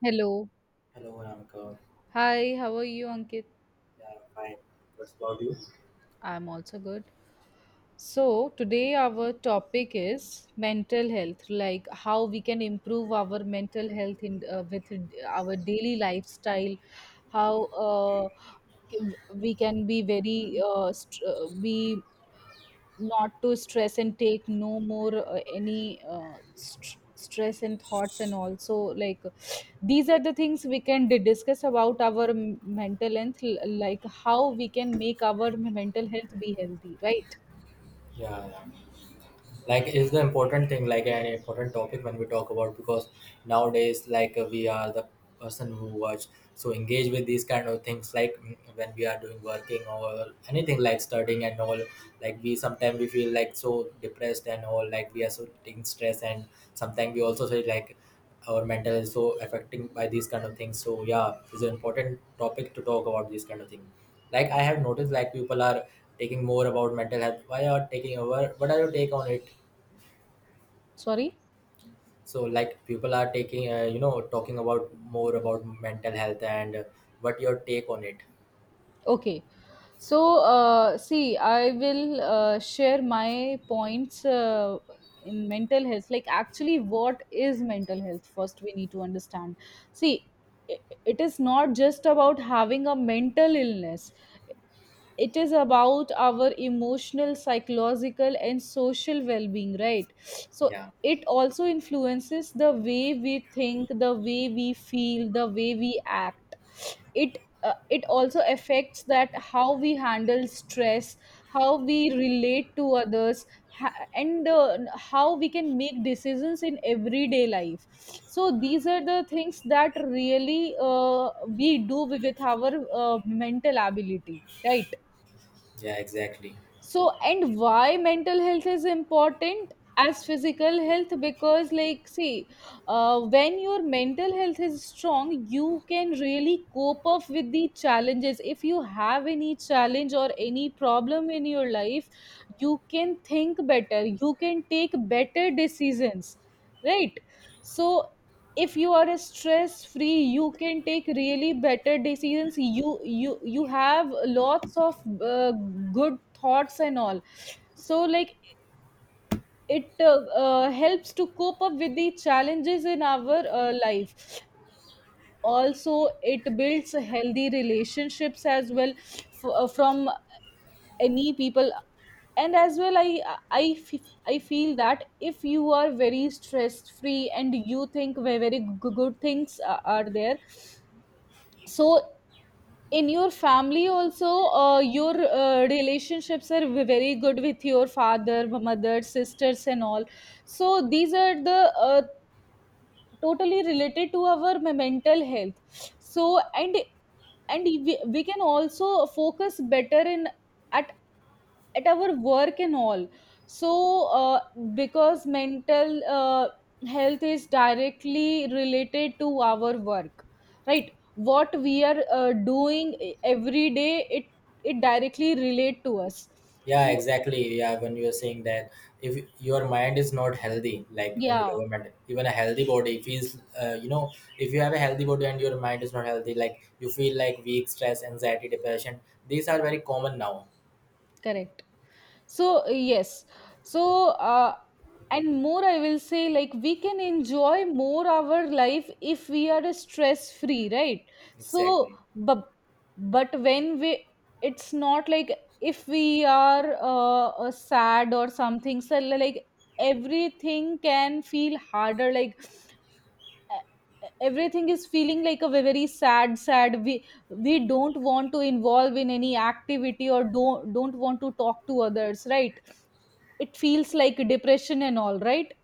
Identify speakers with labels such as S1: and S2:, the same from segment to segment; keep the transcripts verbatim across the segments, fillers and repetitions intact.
S1: Hello.
S2: Hello, Anka.
S1: Hi, how are you, Ankit?
S2: Yeah, fine.
S1: I'm also good. So, today our topic is mental health, like how we can improve our mental health in uh, with our daily lifestyle, how uh, we can be very uh, st- uh, be not to stress and take no more uh, any uh, st- stress and thoughts, and also like these are the things we can d- discuss about our m- mental health, l- like how we can make our mental health be healthy, right?
S2: Yeah, yeah. like is the important thing, like an important topic when we talk about, because nowadays like uh, we are the person who watch, so engage with these kind of things like mm, when we are doing working or anything like studying and all, like we sometimes we feel like so depressed and all, like we are so taking stress and sometimes we also say like our mental is so affecting by these kind of things. So yeah, it's an important topic to talk about these kind of thing. Like I have noticed like people are taking more about mental health. Why are taking over, what are your take on it?
S1: Sorry?
S2: So like people are taking uh, you know talking about more about mental health, and uh, what your take on it?
S1: Okay. So, uh, see, I will uh, share my points uh, in mental health. Like, actually, what is mental health? First, we need to understand. See, i- it is not just about having a mental illness, it is about our emotional, psychological and social well-being, right? So
S2: Yeah,
S1: it also influences the way we think, the way we feel, the way we act. It uh, it also affects that how we handle stress, how we relate to others, ha- and uh, how we can make decisions in everyday life. So these are the things that really uh, we do with our uh, mental ability, right?
S2: yeah, exactly.
S1: So, and why mental health is important as physical health, because like see, uh, when your mental health is strong, you can really cope up with the challenges. If you have any challenge or any problem in your life, you can think better, you can take better decisions, right? So if you are stress free, you can take really better decisions. You you you have lots of uh, good thoughts and all. So like, it uh, uh, helps to cope up with the challenges in our uh, life. Also, it builds healthy relationships as well, f- uh, from any people. And as well, i i f- i feel that if you are very stress free and you think very, very g- good things a- are there. So in your family also, uh, your uh, relationships are v- very good with your father, mother, sisters, and all. So these are the uh, totally related to our m- mental health. So and and we, we can also focus better in at at our work and all. So uh, because mental uh, health is directly related to our work, right? What we are uh, doing e- every day, it it directly relate to us.
S2: Yeah,
S1: So,
S2: exactly. Yeah, when you are saying that, if your mind is not healthy, like when we
S1: yeah.
S2: talk about mental, even a healthy body feels uh, you know, if you have a healthy body and your mind is not healthy, like you feel like weak, stress, anxiety, depression. These are very common now.
S1: Correct. So yes. So, uh, and more, I will say like we can enjoy more our life if we are stress free, right? So,
S2: Exactly.
S1: but but when we, it's not like if we are uh, uh, sad or something, so like everything can feel harder. Like e- everything is feeling like a very sad sad. We we don't want to involve in any activity or don't don't want to talk to others, right? It feels like depression and all, right?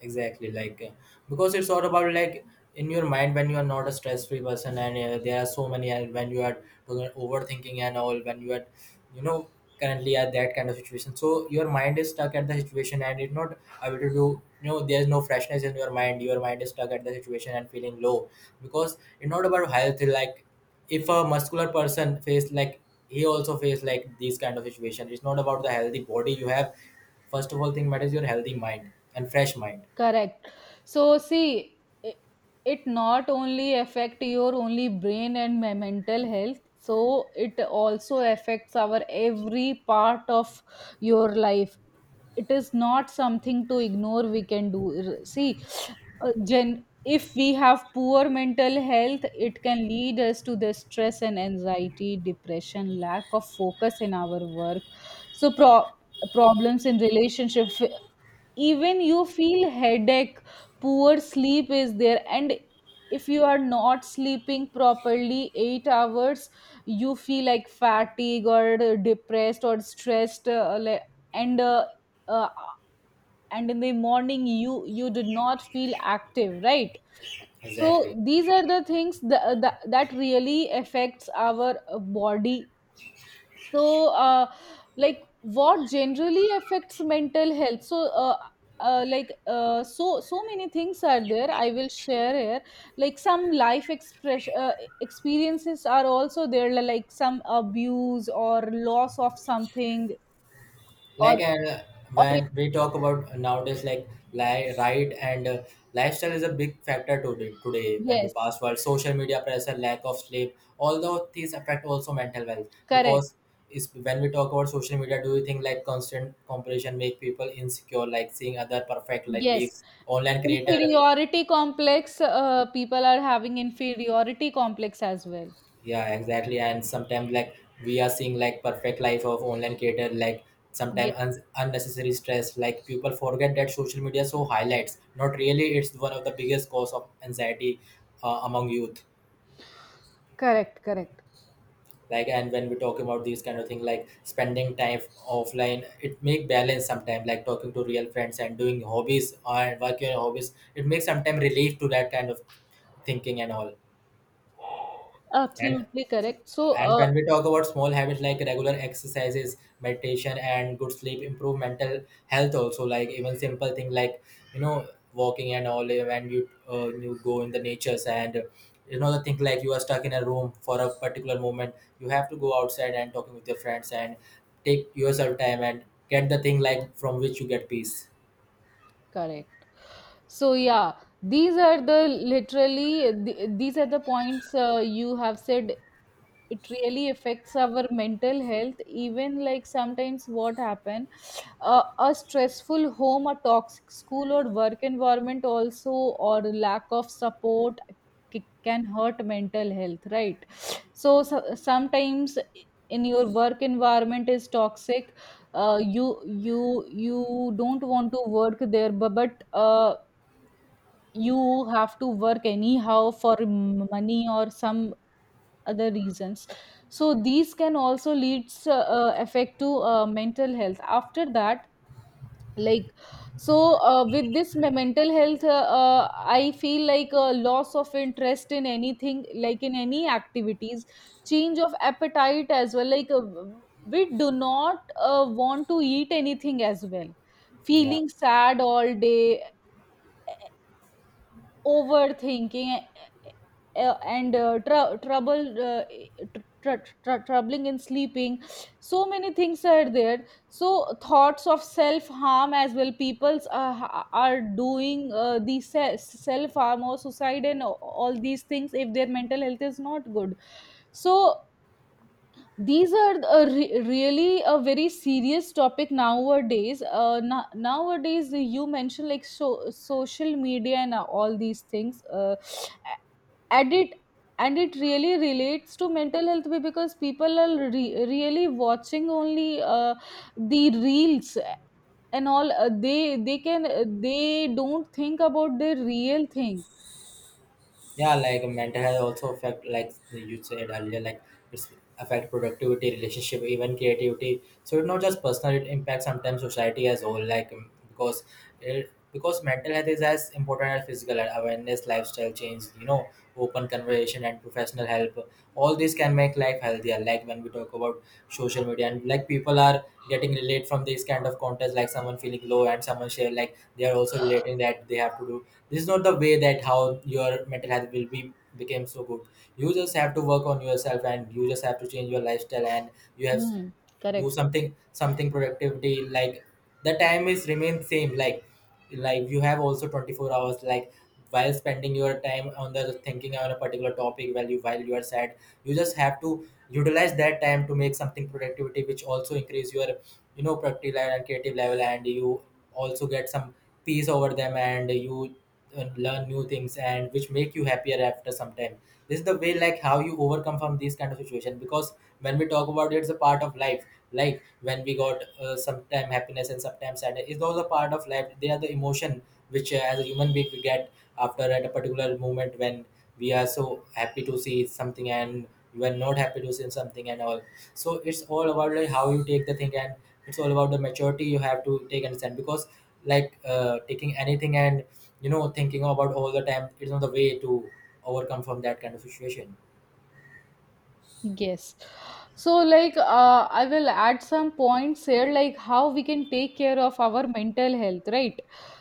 S2: Exactly. Like uh, because it's all about like in your mind when you are not a stress-free person and uh, there are so many, and when you are doing overthinking and all, when you are, you know, currently at that kind of situation, so your mind is stuck at the situation and it's not able to do, you know, there's no freshness in your mind, your mind is stuck at the situation and feeling low. Because it's not about health, like if a muscular person face like, he also face like these kind of situation. It's not about the healthy body you have. First of all thing matters your healthy mind and fresh mind.
S1: Correct. So see, it, it not only affect your only brain and my mental health. So it also affects our every part of your life. It is not something to ignore. We can do, R- see, uh, gen. If we have poor mental health, it can lead us to the stress and anxiety, depression, lack of focus in our work. So, pro- problems in relationship. Even you feel headache, poor sleep is there. And if you are not sleeping properly 8 hours, you feel like fatigue or depressed or stressed, uh, le- and uh, uh, and in the morning, you you did not feel active, right? So
S2: Exactly.
S1: these are the things that, that really affects our uh, body. So, uh, like what generally affects mental health. So uh, uh, like, uh, so so many things are there. I will share here, like some life express uh, experiences are also there, like some abuse or loss of something, or
S2: Like uh,
S1: or
S2: when we talk about nowadays, like li- right, and uh, lifestyle is a big factor today. Today, when we
S1: yes.
S2: pass world, social media pressure, lack of sleep, all those things affect also mental health.
S1: Correct.
S2: Because is when we talk about social media, do you think like constant comparison make people insecure? Like seeing other perfect like
S1: Yes,
S2: lives, online creator.
S1: inferiority complex. Uh, people are having inferiority complex as well.
S2: Yeah, exactly. And sometimes like we are seeing like perfect life of online creator, like
S1: Yeah.
S2: sometimes un- unnecessary stress, like people forget that social media so highlights, not really. It's one of the biggest cause of anxiety uh, among youth.
S1: Correct, correct,
S2: Like, and when we talk about these kind of thing, like spending time offline, it make balance sometimes, like talking to real friends and doing hobbies or work your hobbies, it makes sometimes relief to that kind of thinking and all. and
S1: absolutely correct. So,
S2: And
S1: uh,
S2: when we talk about small habits like regular exercises, meditation, and good sleep, improve mental health also. Like even simple thing like, you know, walking and all. eh, When you uh, you go in the natures and uh, you know, the thing like you are stuck in a room for a particular moment, you have to go outside and talking with your friends and take yourself time and get the thing like from which you get peace.
S1: correct. So yeah, these are the literally th- these are the points uh, you have said. It really affects our mental health. Even like sometimes what happen, a, a stressful home, a toxic school or work environment also, or lack of support c- can hurt mental health, right? So, so sometimes in your work environment is toxic, uh, you you you don't want to work there, but, but uh, you have to work anyhow for m- money or some other reasons. So these can also leads, uh, uh, affect to uh, mental health after that. Like, so uh, with this me- mental health, uh, uh, I feel like a loss of interest in anything, like in any activities. Change of appetite as well. Like, uh, we do not uh, want to eat anything as well,
S2: Yeah.
S1: feeling sad all day, overthinking, uh, uh, and uh, trou trouble uh, tr- tr- troubling in sleeping. So many things are there, so thoughts of self harm as well. People uh, are doing uh, the self harm or suicide and all these things if their mental health is not good. So these are a re- really a very serious topic nowadays uh, no- nowadays You mentioned like so- social media and uh, all these things. Uh, and it and it really relates to mental health, be- because people are re- really watching only uh, the reels and all. Uh, they they can uh, they don't think about the real thing.
S2: Yeah, like mental health also affect, like you said earlier, like it's affect productivity, relationship, even creativity. So it's not just personal, it impacts sometimes society as whole, like um, because it, because mental health is as important as physical health, awareness, lifestyle change, you know, open conversation and professional help, all these can make life healthier. Like when we talk about social media and like people are getting relate from these kind of contents, like someone feeling low and someone share like they are also relating stipulating that they have to do this, is not the way that how your mental health will be became so good. You just have to work on yourself and you just have to change your lifestyle and you have,
S1: Hmm,
S2: do
S1: correct.
S2: something, something productivity. Like the time is remain same, like like you have also twenty-four hours, like while spending your time on the thinking on a particular topic, while you while you are sad, you just have to utilize that time to make something productivity, which also increase your, you know, productive level and creative level, and you also get some peace over them, and you uh, learn new things, and which make you happier after some time. This is the way like how you overcome from these kind of situation. Because when we talk about it, it's a part of life. Like when we got uh, sometime happiness and sometimes sadness, is those a part of life, they are the emotion which uh, as a human being we get after at a particular moment, when we are so happy to see something and we're not happy to see something and all. So it's all about like how you take the thing, and it's all about the maturity you have to take and understand. Because like uh, taking anything and, you know, thinking about all the time, it's not the way to overcome from that kind of situation.
S1: Yes. So, like, uh, I will add some points here, like how we can take care of our mental health, right?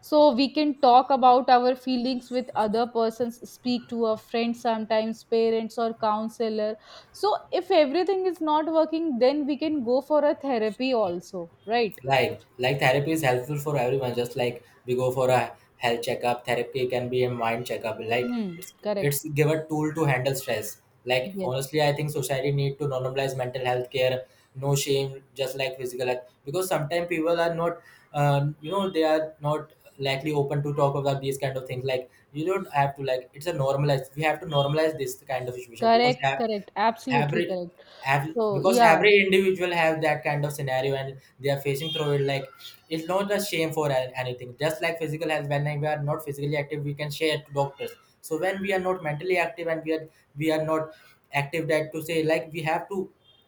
S1: So, we can talk about our feelings with other persons, speak to a friend sometimes, parents or counselor. So, if everything is not working, then we can go for a therapy also, right?
S2: like like therapy is helpful for everyone. Just like we go for a health checkup, therapy can be a mind checkup. Like
S1: Hmm.
S2: it's
S1: Correct.
S2: it's give a tool to handle stress. Like
S1: Yes.
S2: honestly, I think society need to normalize mental health care, no shame, just like physical health. Because sometimes people are not, um, you know, they are not likely open to talk about these kind of things. Like you don't have to, like, it's a normalize, we have to normalize this kind of situation. Because
S1: Correct,
S2: ev-
S1: correct, absolutely
S2: every
S1: correct.
S2: every
S1: So,
S2: because
S1: yeah,
S2: every individual have that kind of scenario and they are facing through it. Like it's not a shame for a- anything, just like physical health. When we are not physically active, we can share to doctors. So when we are not mentally active and we are we are not active, that to say like we have to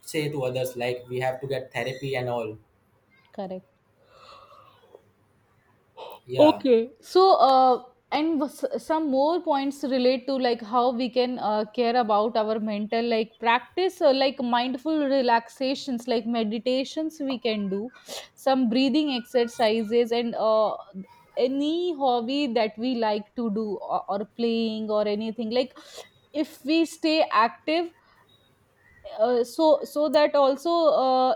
S2: say to others like we have to get therapy and all.
S1: correct.
S2: Yeah.
S1: Okay. So, uh, and was- some more points relate to like how we can uh, care about our mental, like practice or like mindful relaxations like meditations. We can do some breathing exercises and uh, any hobby that we like to do, or, or playing or anything. Like, if we stay active, uh, so so that also, uh,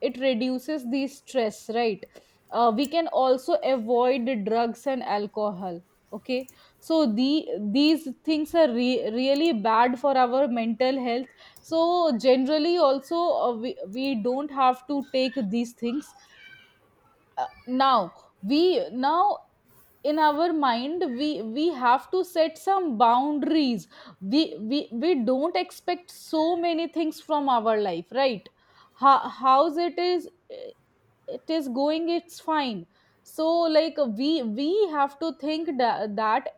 S1: it reduces the stress, right? Uh, we can also avoid the drugs and alcohol. Okay, so the these things are re- really bad for our mental health. So generally also, uh, we, we don't have to take these things. Uh, now, we now in our mind, we we have to set some boundaries. We we, we don't expect so many things from our life, right? How, how's it is it is going? It's fine. So like, we we have to think that, that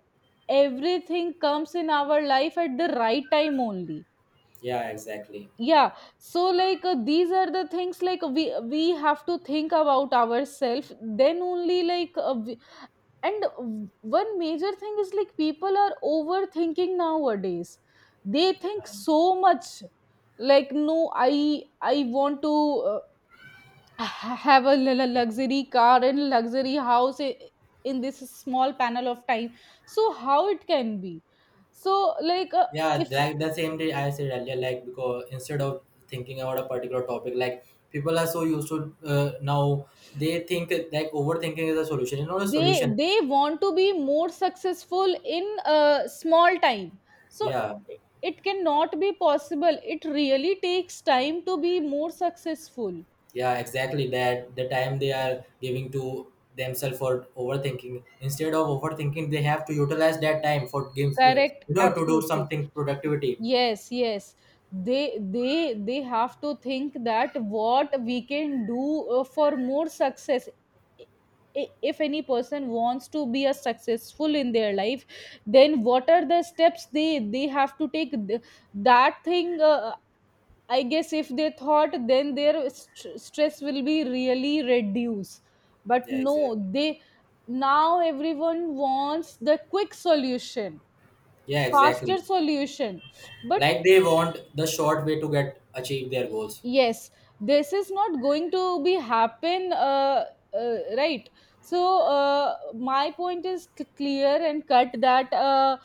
S1: everything comes in our life at the right time only.
S2: Yeah, exactly.
S1: Yeah. So like, uh, these are the things, like we we have to think about ourselves then only. Like, uh, we, and w- one major thing is, like people are overthinking nowadays. They think
S2: Yeah.
S1: so much. Like, no, i i want to uh, ha- have a lu- lu- luxury car and luxury house. I- in this small panel of time, so how it can be? So like, uh,
S2: Yeah,
S1: if
S2: like the same day I said earlier, like because instead of thinking about a particular topic, like people are so used to uh, now, they think that like overthinking is a solution. It's not a
S1: they
S2: solution.
S1: they want to be more successful in a small time, so
S2: Yeah,
S1: it it cannot be possible. It really takes time to be more successful.
S2: yeah, exactly. That the time they are giving to themselves for overthinking, instead of overthinking, they have to utilize that time for games, uh,
S1: Correct,
S2: you know, to do
S1: absolutely.
S2: something productivity.
S1: Yes, yes, they they they have to think that what we can do uh, for more success. I- if any person wants to be a successful in their life, then what are the steps they they have to take. Th- that thing, uh, I guess if they thought, then their st- stress will be really reduced. But
S2: Yeah,
S1: no,
S2: exactly.
S1: they now, everyone wants the quick solution,
S2: Yeah,
S1: faster
S2: exactly.
S1: solution. But
S2: Like they want the short way to get achieve their goals.
S1: yes, this is not going to be happen, uh, uh, right? So uh, my point is c- clear and cut that uh,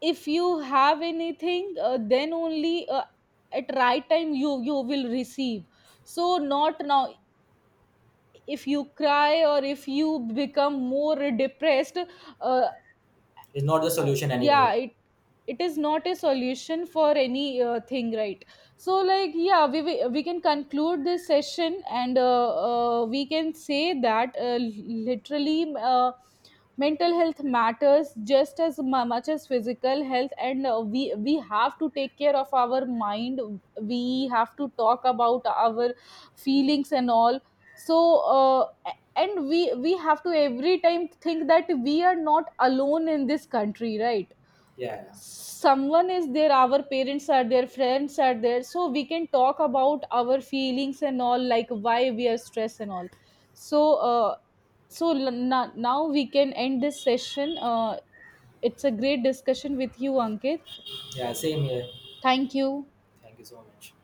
S1: if you have anything, uh, then only uh, at right time, you you will receive. So, not now. If you cry or if you become more depressed, uh,
S2: It's not the solution
S1: yeah,
S2: anymore.
S1: it it is not a solution for any uh, thing, right? So like, yeah, we we we can conclude this session. And uh, uh, we can say that uh, literally, uh, mental health matters just as mu- much as physical health. And uh, we we have to take care of our mind, we have to talk about our feelings and all. So uh, and we we have to every time think that we are not alone in this country, right?
S2: Yeah,
S1: Someone is there, our parents are there, friends are there, so we can talk about our feelings and all, like why we are stressed and all. So uh, so l- na- now we can end this session. Uh, it's a great discussion with you, Ankit.
S2: yeah, same here.
S1: Thank you.
S2: Thank you so much.